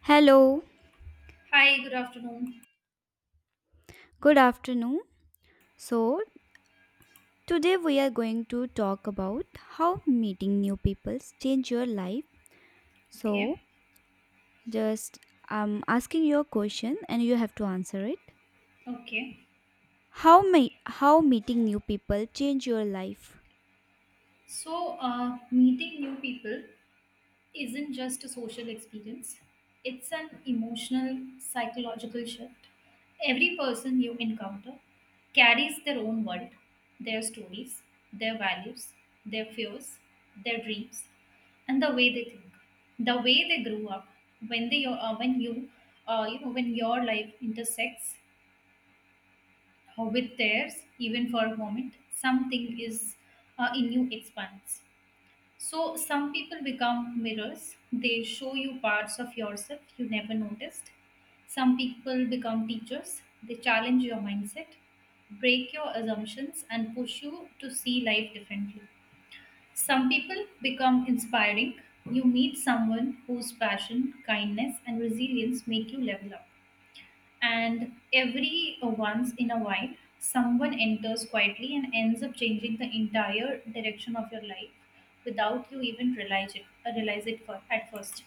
Hello, Hi, good afternoon. good afternoon. So, today we are going to talk about how meeting new people change your life. Okay, So, just I'm asking you a question and you have to answer it. okay. How may how meeting new people change your life? Meeting new people isn't just a social experience, it's an emotional, psychological shift. Every person you encounter carries their own world, their stories, their values, their fears, their dreams, and the way they think, the way they grew up, when you you know when your life intersects or with theirs, even for a moment, something is in you expands. So, some people become mirrors, they show you parts of yourself you never noticed. Some people become teachers, they challenge your mindset, break your assumptions, and push you to see life differently. Some people become inspiring. You meet someone whose passion, kindness, and resilience make you level up, and every once in a while someone enters quietly and ends up changing the entire direction of your life without you even realize it for, at first.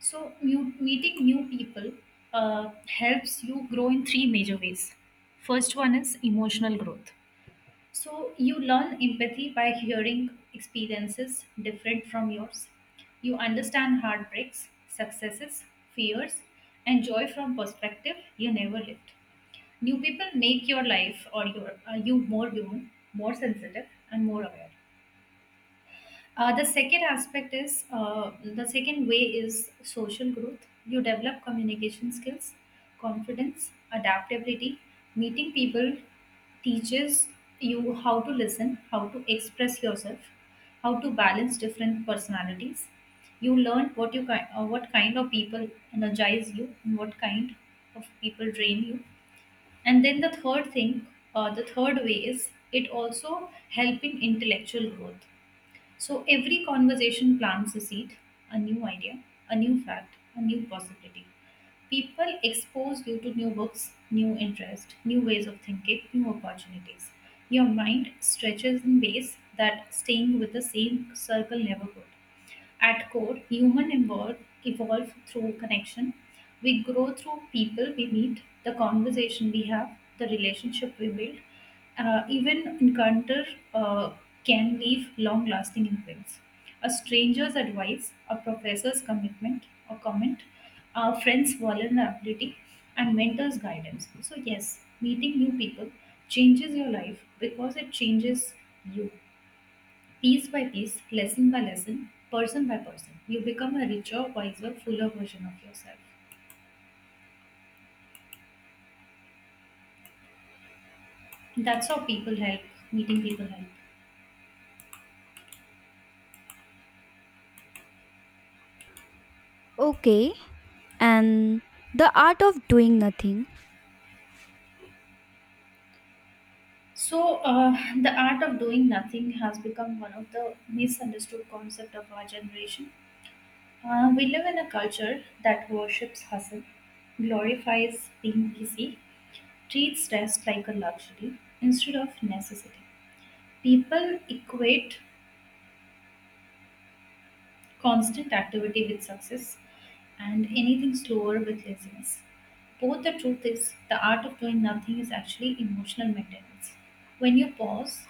So meeting new people helps you grow in three major ways. First one is emotional growth, so you learn empathy by hearing experiences different from yours. You understand heartbreaks, successes, fears, and joy from perspective you never lived. New people make your life or you more human, more sensitive, and more aware. The second way is social growth. You develop communication skills, confidence, adaptability. Meeting people teaches you how to listen, how to express yourself, how to balance different personalities. You learn what kind of people energize you and what kind of people drain you. And then the third thing, the third way is it also help in intellectual growth, so every conversation plants a seed, a new idea, a new fact, a new possibility. People expose you to new books, new interests, new ways of thinking, new opportunities. Your mind stretches in ways that staying with the same circle never could. At core, evolve through connection. We grow through people we meet, the conversation we have, the relationship we build. Even encounter uh, can leave long lasting imprints. A stranger's advice, a professor's commitment or comment, a friend's vulnerability, and mentor's guidance. So, yes, meeting new people changes your life because it changes you piece by piece, lesson by lesson, person by person. You become a richer, wiser, fuller version of yourself. That's how people help, meeting people help. Okay. And the art of doing nothing. So, uh, the art of doing nothing has become one of the misunderstood concept of our generation. We live in a culture that worships hustle, glorifies being busy, treats rest like a luxury instead of necessity. People equate constant activity with success, and anything slower with laziness. Both the truth is, the art of doing nothing is actually emotional maintenance. When you pause,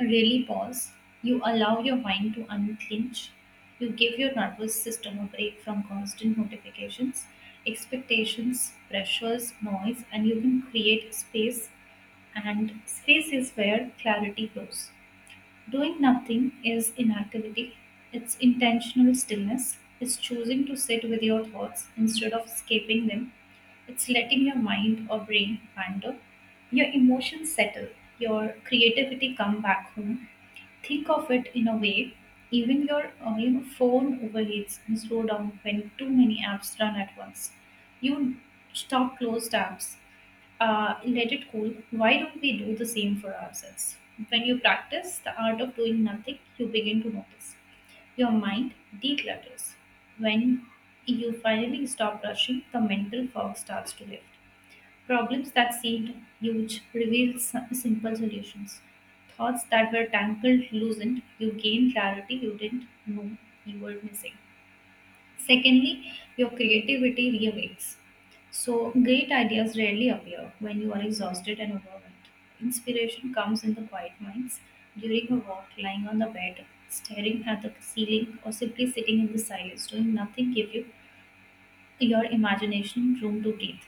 really pause, you allow your mind to unclench, you give your nervous system a break from constant notifications, expectations, pressures, noise, and you can create space. And space is where clarity grows. Doing nothing is inactivity, it's intentional stillness, it's choosing to sit with your thoughts instead of escaping them, it's letting your mind or brain wander, your emotions settle, your creativity come back home. Think of it in a way, even your phone overheats and slow down when too many apps run at once. You stop closed apps, let it cool. Why don't we do the same for ourselves? When you practice the art of doing nothing, you begin to notice your mind declutters. When you finally stop rushing, the mental fog starts to lift. Problems that seemed huge revealed simple solutions. Thoughts that were tangled loosened. You gained clarity you didn't know you were missing. Secondly, your creativity reawakes. So, great ideas rarely appear when you are exhausted and overwhelmed. Inspiration comes in the quiet minds, during a walk, lying on the bed, staring at the ceiling, or simply sitting in the silence, doing nothing, give you your imagination room to breathe.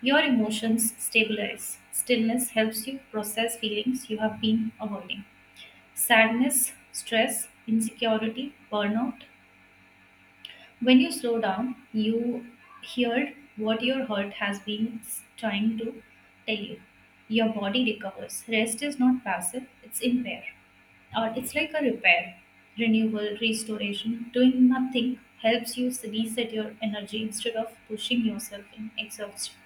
Your emotions stabilize. Stillness helps you process feelings you have been avoiding. Sadness, stress, insecurity, burnout. When you slow down, you hear what your heart has been trying to tell you. Your body recovers. Rest is not passive, it's impair. Or it's like a repair. Renewal, restoration, doing nothing helps you reset your energy instead of pushing yourself in exhaustion.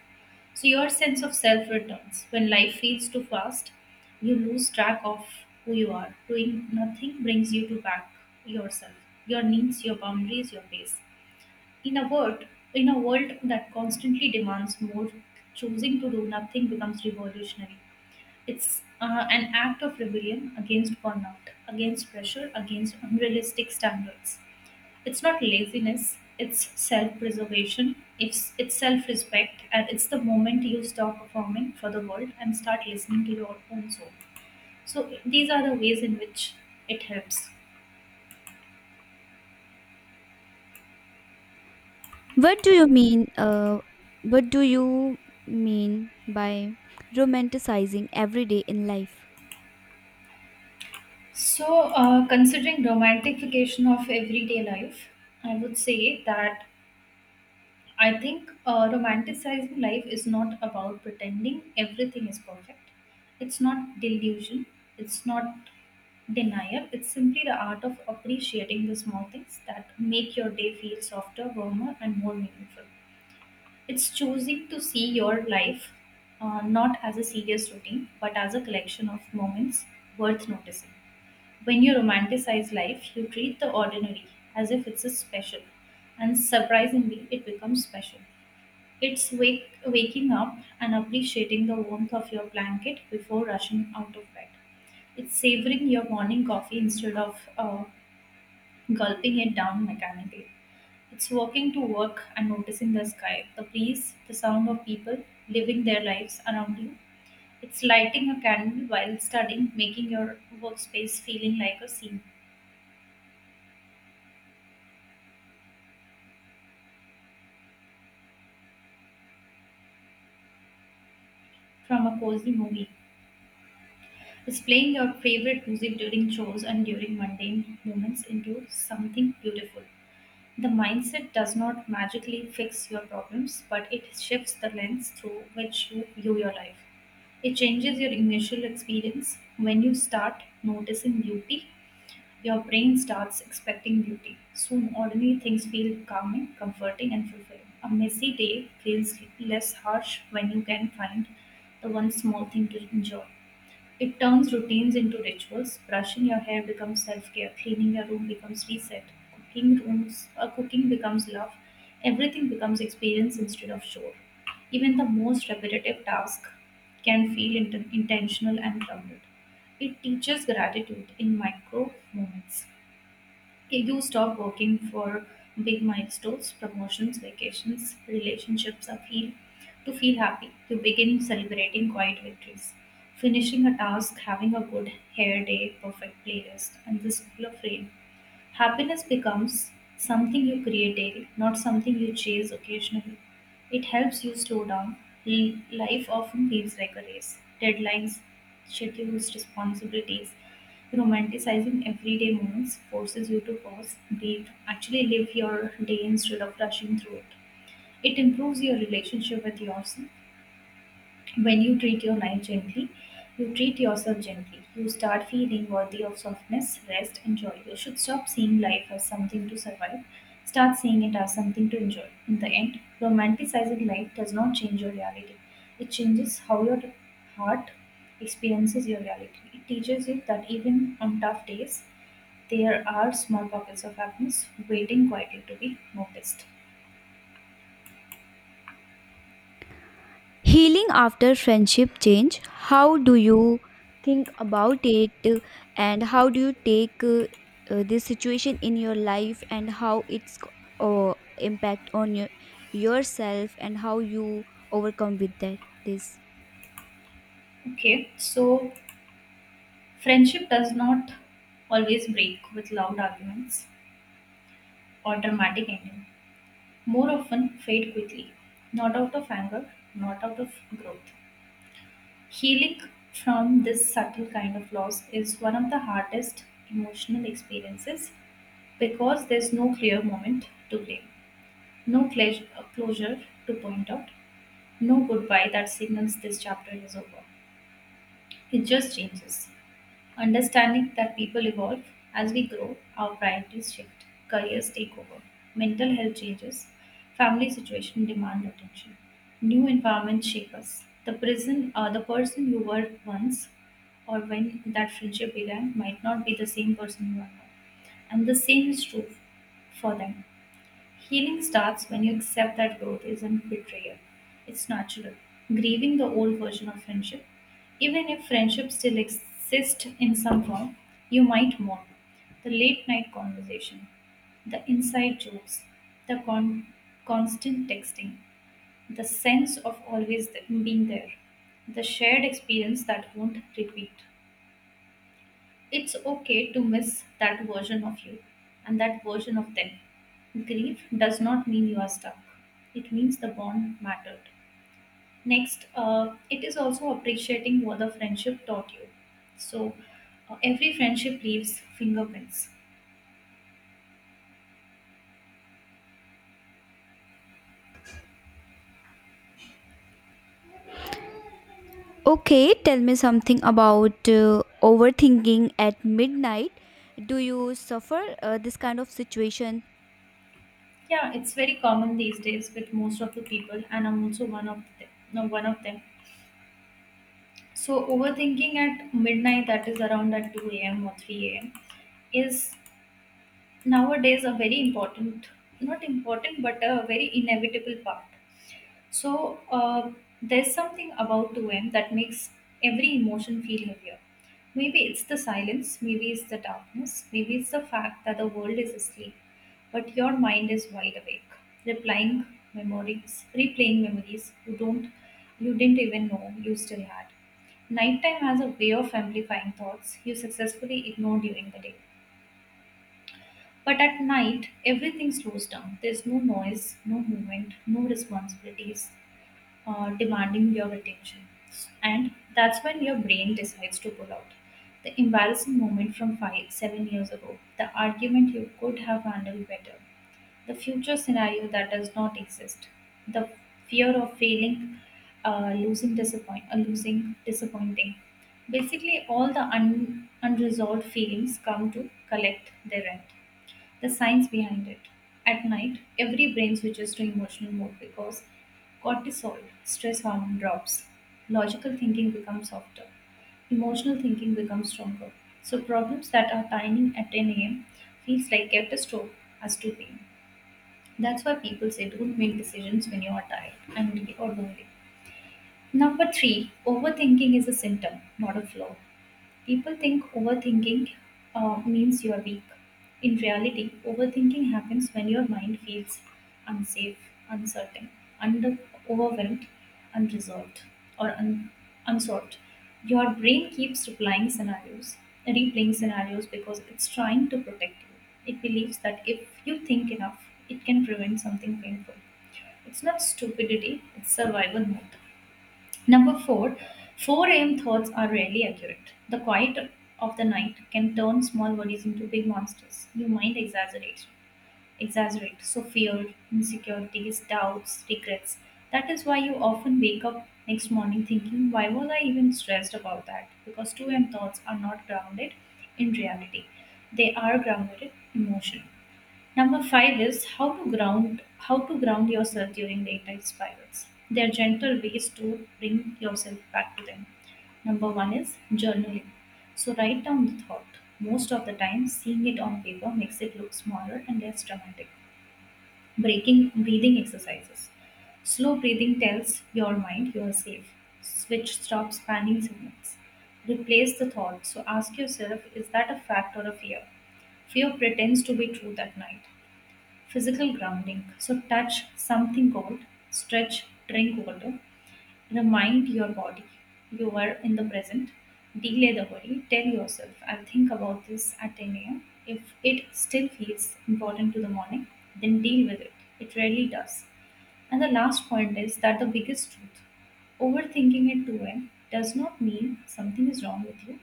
So your sense of self returns. When life feels too fast, you lose track of who you are. Doing nothing brings you to back yourself, your needs, your boundaries, your pace. In a world, in a world that constantly demands more, choosing to do nothing becomes revolutionary. It's an act of rebellion against burnout, against pressure, against unrealistic standards. It's not laziness, it's self preservation, it's self respect, and it's the moment you stop performing for the world and start listening to your own soul. So, these are the ways in which it helps. What do you mean what do you mean by romanticizing every day in life? Considering romantification of everyday life, I would say that I think romanticizing life is not about pretending everything is perfect. It's not delusion. It's not denial. It's simply the art of appreciating the small things that make your day feel softer, warmer, and more meaningful. It's choosing to see your life not as a serious routine, but as a collection of moments worth noticing. When you romanticize life, you treat the ordinary as if it's a special, and surprisingly, it becomes special. Waking up and appreciating the warmth of your blanket before rushing out of bed. It's savoring your morning coffee instead of gulping it down mechanically. It's walking to work and noticing the sky, the breeze, the sound of people living their lives around you. It's lighting a candle while studying, making your workspace feeling like a scene from a cozy movie. It's playing your favorite music during chores and during mundane moments into something beautiful. The mindset does not magically fix your problems, but it shifts the lens through which you view your life. It changes your initial experience. When you start noticing beauty, your brain starts expecting beauty. Soon, ordinary things feel calming, comforting, and fulfilling. A messy day feels less harsh when you can find the one small thing to enjoy. It turns routines into rituals. Brushing your hair becomes self care, cleaning your room becomes reset, cooking becomes love, everything becomes experience instead of chore. Even the most repetitive task can feel intentional and grounded. It teaches gratitude in micro moments. I do stop working for big milestones, promotions, vacations, relationships or feel to feel happy, to begin celebrating quiet victories. Finishing a task, having a good hair day, perfect playlist, and the school of rain. Happiness becomes something you create daily, not something you chase occasionally. It helps you slow down. Life often feels like a race. Deadlines, schedules, responsibilities. Romanticizing everyday moments forces you to pause, breathe, actually live your day instead of rushing through it. It improves your relationship with yourself. When you treat your life gently, you treat yourself gently. You start feeling worthy of softness, rest, and joy. You should stop seeing life as something to survive. Start seeing it as something to enjoy. In the end, romanticizing life does not change your reality. It changes how your heart experiences your reality. It teaches you that even on tough days, there are small pockets of happiness waiting quietly to be noticed. Healing after friendship change, how do you think about it and how do you take this situation in your life and how it's impact on your, yourself and how you overcome with that this Okay, so friendship does not always break with loud arguments or dramatic ending. More often fade quickly, not out of anger, not out of growth. Healing from this subtle kind of loss is one of the hardest emotional experiences because there's no clear moment to blame, no cle- closure to point out, no goodbye that signals this chapter is over. It just changes. Understanding that people evolve as we grow, our priorities shift, careers take over, mental health changes, family situation demand attention, new environments shape us. The person you were once, or when that friendship began, might not be the same person you are now, and the same is true for them. Healing starts when you accept that growth isn't betrayal. It's natural. Grieving the old version of friendship, even if friendship still exists in some form, you might mourn. The late night conversation, the inside jokes, the con- constant texting, the sense of always being there, the shared experience that won't repeat. It's okay to miss that version of you and that version of them. Grief does not mean you are stuck, it means the bond mattered. Next, it is also appreciating what the friendship taught you. So, every friendship leaves fingerprints. Okay, tell me something about overthinking at midnight. Do you suffer this kind of situation? Yeah, it's very common these days with most of the people, and I'm also one of them. No, one of them. So, overthinking at midnight, that is around at 2 a.m. or 3 a.m., is nowadays a very important, not important but a very inevitable part. So there's something about 2m that makes every emotion feel heavier. Maybe it's the silence, maybe it's the darkness, maybe it's the fact that the world is asleep but your mind is wide awake. Replying memories, replaying memories you don't you didn't even know you still had. Nighttime has a way of amplifying thoughts you successfully ignore during the day, but at night, everything slows down. There's no noise, no movement, no responsibilities demanding your attention. And that's when your brain decides to pull out the embarrassing moment from 5, 7 years ago, the argument you could have handled better, the future scenario that does not exist, the fear of failing, losing, disappointing. Basically, all the unresolved feelings come to collect their rent. The science behind it: at night, every brain switches to emotional mode because cortisol, stress hormone, drops. Logical thinking becomes softer, emotional thinking becomes stronger. So problems that are tiny at 10 a.m. feels like catastrophe as to pain. That's why people say don't make decisions when you are tired, angry, or lonely. Number three, overthinking is a symptom, not a flaw. People think overthinking means you're weak. In reality, overthinking happens when your mind feels unsafe, uncertain, under, overwhelmed, unresolved, or unsolved. Your brain keeps replaying scenarios because it's trying to protect you. It believes that if you think enough, it can prevent something painful. It's not stupidity, it's survival mode. Number four, 4 a.m. thoughts are rarely accurate. The quiet of the night can turn small worries into big monsters. Your mind exaggerates. So fear, insecurities, doubts, regrets. That is why you often wake up next morning thinking, why was I even stressed about that? Because 2 a.m. thoughts are not grounded in reality. They are grounded in emotion. Number five is how to ground yourself during daytime spirals. There are gentle ways to bring yourself back to them. Number one is journaling. So write down the thought. Most of the time, seeing it on paper makes it look smaller and less dramatic. Breaking breathing exercises. Slow breathing tells your mind you are safe. Switch stops panning signals. Replace the thought. So ask yourself, is that a fact or a fear? Fear pretends to be true that night. Physical grounding. So touch something cold, stretch, drink water, remind your body you are in the present. Delay the worry, tell yourself, I'll think about this at 10 a.m. If it still feels important to the morning, then deal with it. It rarely does. And the last point is that the biggest truth, overthinking at 2 a.m. does not mean something is wrong with you.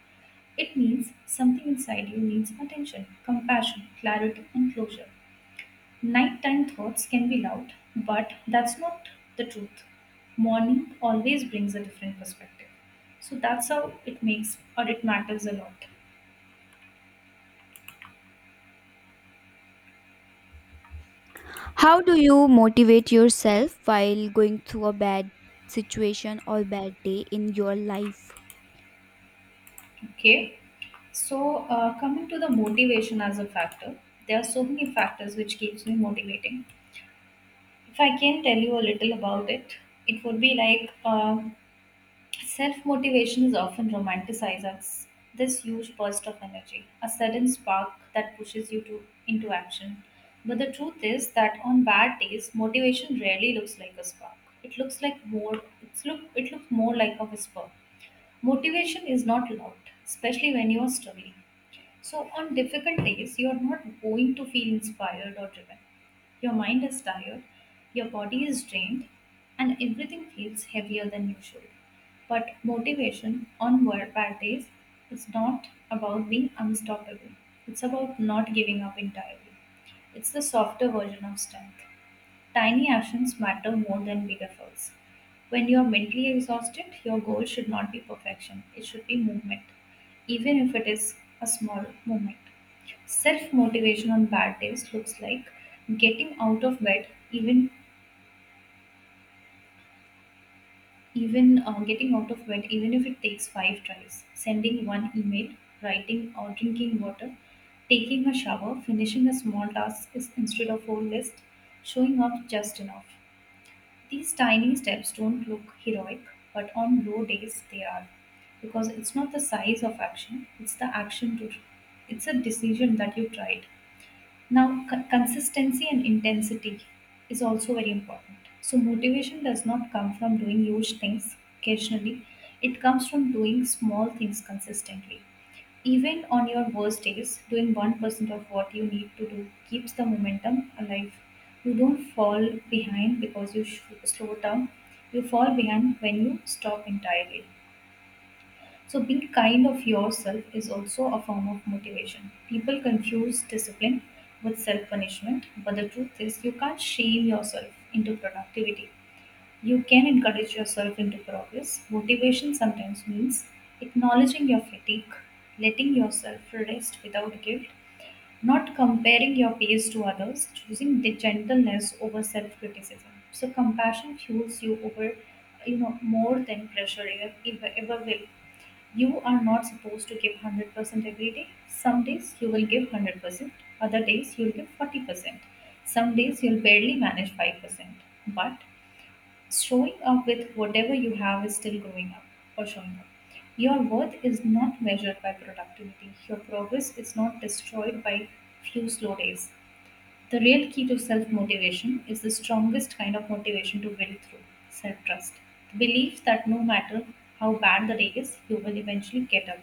It means something inside you needs attention, compassion, clarity, and closure. Nighttime thoughts can be loud, but that's not the truth. Morning always brings a different perspective. So that's how it makes, or it matters a lot. How do you motivate yourself while going through a bad situation or bad day in your life? Okay. So coming to the motivation as a factor, there are so many factors which keeps me motivating. If I can tell you a little about it, it would be like self motivation is often romanticized as this huge burst of energy, a sudden spark that pushes you to, into action. But the truth is that on bad days, motivation rarely looks like a spark. It looks like more it's look it looks more like a whisper. Motivation is not loud, especially when you are struggling. So, on difficult days, you are not going to feel inspired or driven. Your mind is tired, your body is drained, and everything feels heavier than usual. But motivation on work bad days is not about being unstoppable, it's about not giving up entirely. It's the softer version of strength. Tiny actions matter more than big efforts. When you're mentally exhausted, your goal should not be perfection, it should be movement, even if it is a small movement. Self motivation on bad days looks like getting out of bed, even getting out of bed, even if it takes five tries, sending one email, writing or drinking water, taking a shower, finishing a small task instead of whole list, showing up just enough. These tiny steps don't look heroic, but on low days they are. Because it's not the size of action, it's the action to it's a decision that you tried. Now, consistency and intensity is also very important. So, motivation does not come from doing huge things occasionally, it comes from doing small things consistently. Even on your worst days, doing 1% of what you need to do keeps the momentum alive. You don't fall behind because you slow down, you fall behind when you stop entirely. So, being kind of yourself is also a form of motivation. People confuse discipline with self punishment, but the truth is, you can't shame yourself into productivity. You can encourage yourself into progress. Motivation sometimes means acknowledging your fatigue, letting yourself rest without guilt, not comparing your pace to others, choosing the gentleness over self criticism. So, compassion fuels you, over you know, more than pressure ever will. You are not supposed to give 100% every day. Some days you will give 100%, other days you'll give 40%, some days you'll barely manage 5%. But showing up with whatever you have is still growing up or showing up. Your worth is not measured by productivity, your progress is not destroyed by few slow days. The real key to self motivation is the strongest kind of motivation to build through self trust. The belief that no matter how bad the day is, you will eventually get up.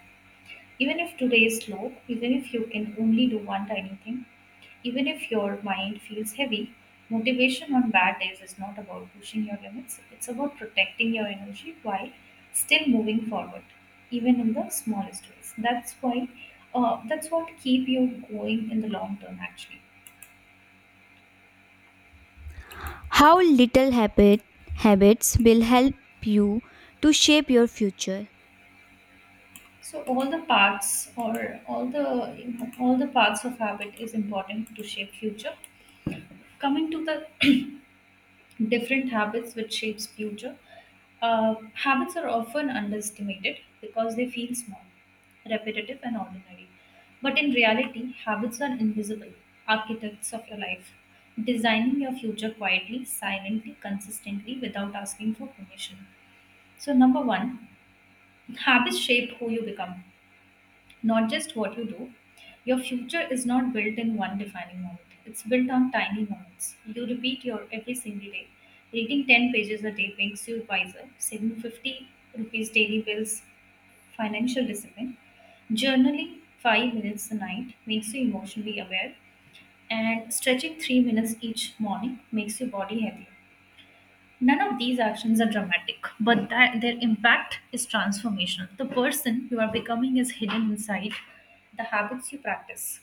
Even if today is slow, even if you can only do one tiny thing, even if your mind feels heavy, motivation on bad days is not about pushing your limits. It's about protecting your energy while still moving forward, even in the smallest ways. That's why, that's what keep you going in the long term, actually. How little habits will help you to shape your future? So all the parts, or all the, you know, all the parts of habit is important to shape future. Coming to the different habits which shapes future, uh, habits are often underestimated because they feel small, repetitive and ordinary, but in reality habits are invisible architects of your life, designing your future quietly, silently, consistently, without asking for permission. So number one, habits shape who you become, not just what you do. Your future is not built in one defining moment. It's built on tiny moments you repeat your every single day. Reading 10 pages a day makes you wiser. Saving 50 rupees daily builds financial discipline. Journaling 5 minutes a night makes you emotionally aware. And stretching 3 minutes each morning makes your body healthy. None of these actions are dramatic, but that their impact is transformational. The person you are becoming is hidden inside the habits you practice.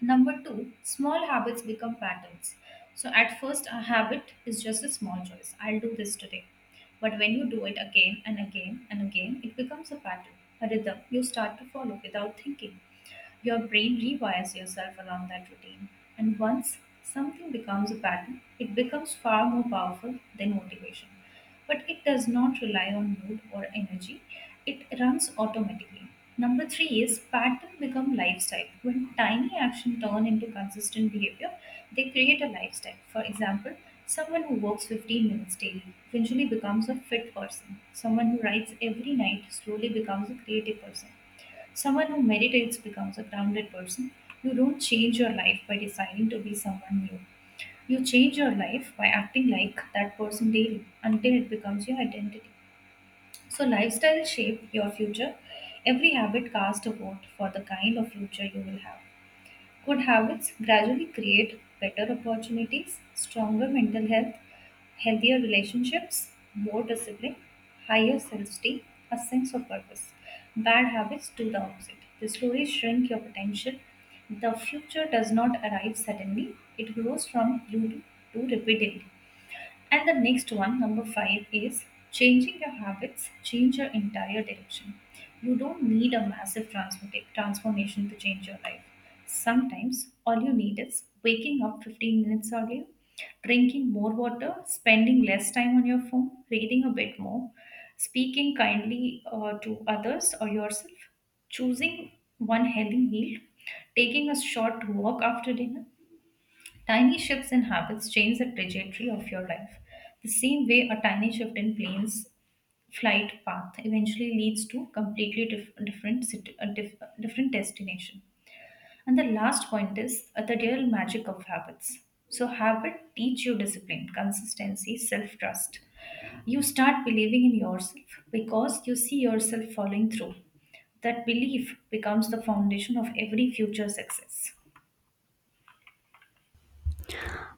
Number two, small habits become patterns. So, at first, a habit is just a small choice, I'll do this today. But when you do it again and again and again, it becomes a pattern, a rhythm you start to follow without thinking. Your brain rewires yourself around that routine. And once something becomes a pattern, it becomes far more powerful than motivation. But it does not rely on mood or energy, it runs automatically. Number three is pattern become lifestyle. When tiny action turn into consistent behavior, they create a lifestyle. For example, someone who works 15 minutes daily eventually becomes a fit person. Someone who writes every night slowly becomes a creative person. Someone who meditates becomes a grounded person. You don't change your life by deciding to be someone new. You change your life by acting like that person daily until it becomes your identity. So, lifestyle shape your future. Every habit cast a vote for the kind of future you will have. Good habits gradually create better opportunities, stronger mental health, healthier relationships, more discipline, higher self esteem, a sense of purpose. Bad habits do the opposite. The stories shrink your potential. The future does not arrive suddenly, it grows from you to repeatedly. And the next one, number five, is changing your habits, change your entire direction. You don't need a massive transformation to change your life. Sometimes all you need is waking up 15 minutes earlier, drinking more water, spending less time on your phone, reading a bit more, speaking kindly to others or yourself, choosing one healthy meal, taking a short walk after dinner. Tiny shifts in habits change the trajectory of your life. The same way a tiny shift in plane's flight path eventually leads to completely dif- different sit- a dif- different destination. And the last point is, the real magic of habits. So habit teach you discipline, consistency, self-trust. You start believing in yourself because you see yourself following through. That belief becomes the foundation of every future success.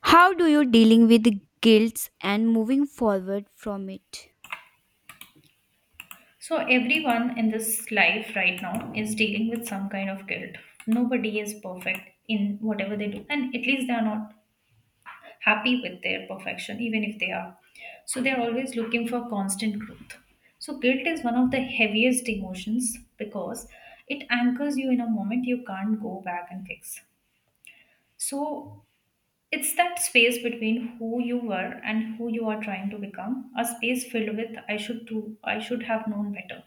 How do you dealing with guilt and moving forward from it? So, everyone in this life right now is dealing with some kind of guilt. Nobody is perfect in whatever they do, and at least they are not happy with their perfection, even if they are. So, they are always looking for constant growth. So, guilt is one of the heaviest emotions because it anchors you in a moment you can't go back and fix. So, it's that space between who you were and who you are trying to become, a space filled with I should do I should have known better.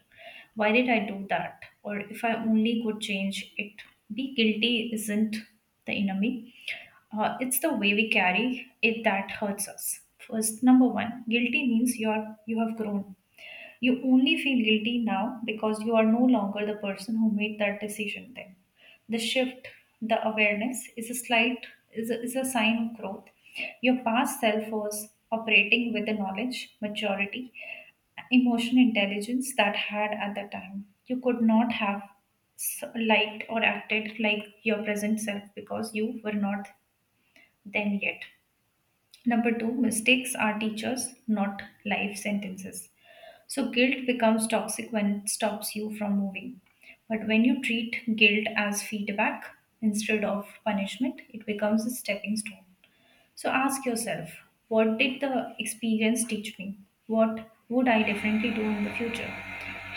Why did I do that? Or if I only could change it. Be guilty isn't the enemy. It's the way we carry it that hurts us. First, number one, guilty means you have grown. You only feel guilty now because you are no longer the person who made that decision then. The shift, the awareness is a slight is a sign of growth. Your past self was operating with the knowledge, maturity, emotional intelligence that had at the time. You could not have liked or acted like your present self because you were not then yet. Number two, mistakes are teachers, not life sentences. So, guilt becomes toxic when it stops you from moving. But when you treat guilt as feedback instead of punishment, it becomes a stepping stone. So ask yourself, what did the experience teach me? What would I differently do in the future?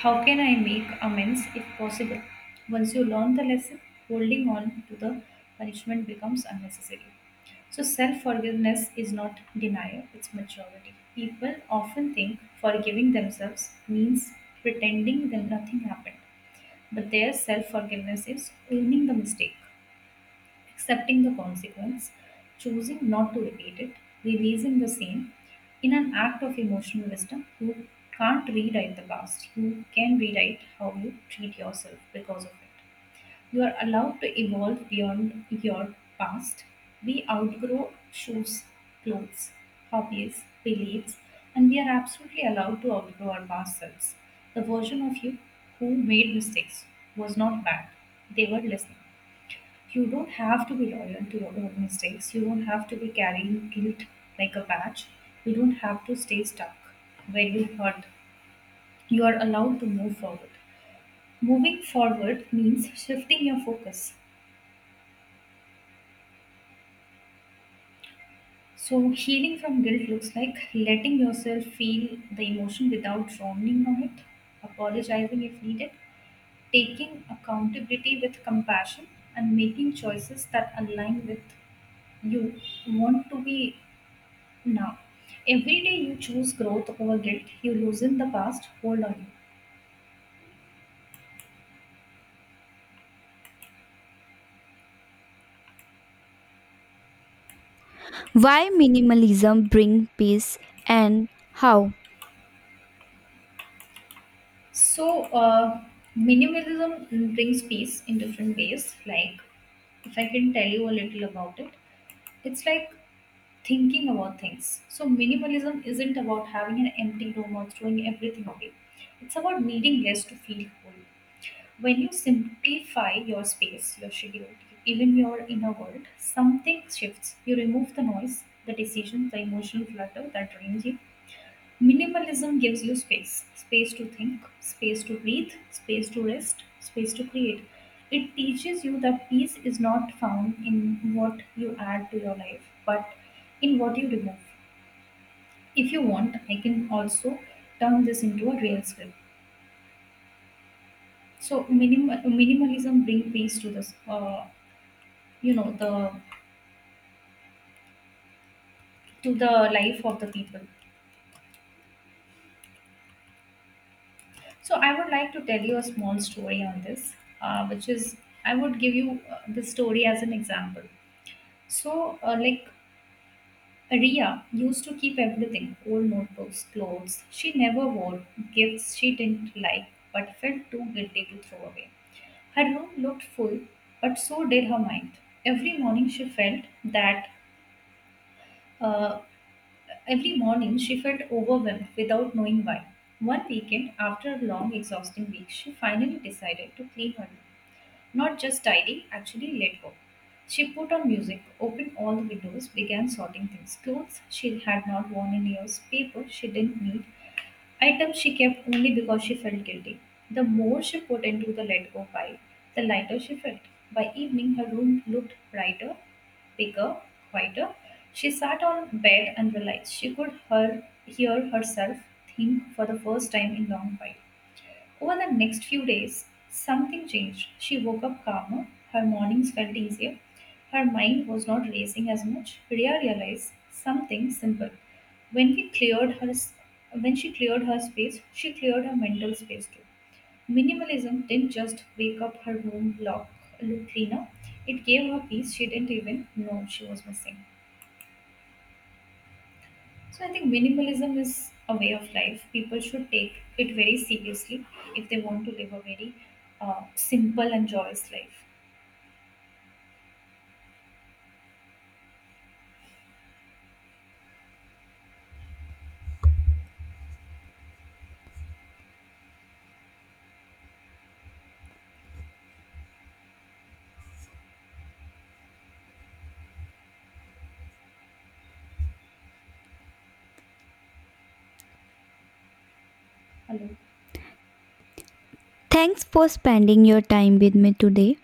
How can I make amends if possible? Once you learn the lesson, holding on to the punishment becomes unnecessary. So self forgiveness is not denial, it's maturity. People often think forgiving themselves means pretending that nothing happened, but their self forgiveness is owning the mistake accepting the consequence, choosing not to repeat it, releasing the same in an act of emotional wisdom. You can't rewrite the past, you can rewrite how you treat yourself because of it. You are allowed to evolve beyond your past. We outgrow shoes, clothes, hobbies, beliefs, and we are absolutely allowed to outgrow our past selves. The version of you who made mistakes was not bad, they were listening. You don't have to be loyal to your own mistakes. You don't have to be carrying guilt like a badge. You don't have to stay stuck where you hurt. You are allowed to move forward. Moving forward means shifting your focus. So, healing from guilt looks like letting yourself feel the emotion without drowning on it, apologizing if needed, taking accountability with compassion, and making choices that align with you want to be Now, every day you choose growth over guilt, you loosen the past hold on you. Why minimalism bring peace and how? So, minimalism brings peace in different ways. Like, if I can tell you a little about it, it's like thinking about things. So, minimalism isn't about having an empty room or throwing everything away, it's about needing less to feel whole. When you simplify your space, your schedule, even your inner world, something shifts. You remove the noise, the decisions, the emotional clutter that drains you. Minimalism gives you space to think, space to breathe, space to rest, space to create. It teaches you that peace is not found in what you add to your life, but in what you remove. If you want, I can also turn this into a real skill. So minimalism bring peace to this. The to the life of the people, so I would like to tell you a small story on this, which is, I would give you the story as an example. So like, Ria used to keep everything, old notebooks, clothes she never wore, gifts she didn't like but felt too guilty to throw away. Her room looked full, but so did her mind. Every morning she felt that uh, Every morning she felt overwhelmed without knowing why. One weekend, after a long, exhausting week, she finally decided to clean her room. Not just tidy, actually let go. She put on music, opened all the windows, began sorting things, clothes she had not worn in years, paper she didn't need, items she kept only because she felt guilty. The more she put into the let go pile, the lighter she felt. By evening, her room looked brighter, bigger, quieter. She sat on bed and realized she could hear herself think for the first time in long while. Over the next few days, something changed. She woke up calmer, her mornings felt easier, her mind was not racing as much. Ria realized something simple. When we cleared her s- when she cleared her space, she cleared her mental space too. Minimalism didn't just wake up her room look cleaner. It gave her peace she didn't even know she was missing. So I think minimalism is a way of life. People should take it very seriously if they want to live a very simple and joyous life. Hello. Thanks for spending your time with me today.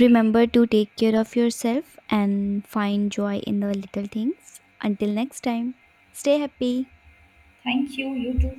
Remember to take care of yourself and find joy in the little things. Until next time, stay happy. Thank you. You too.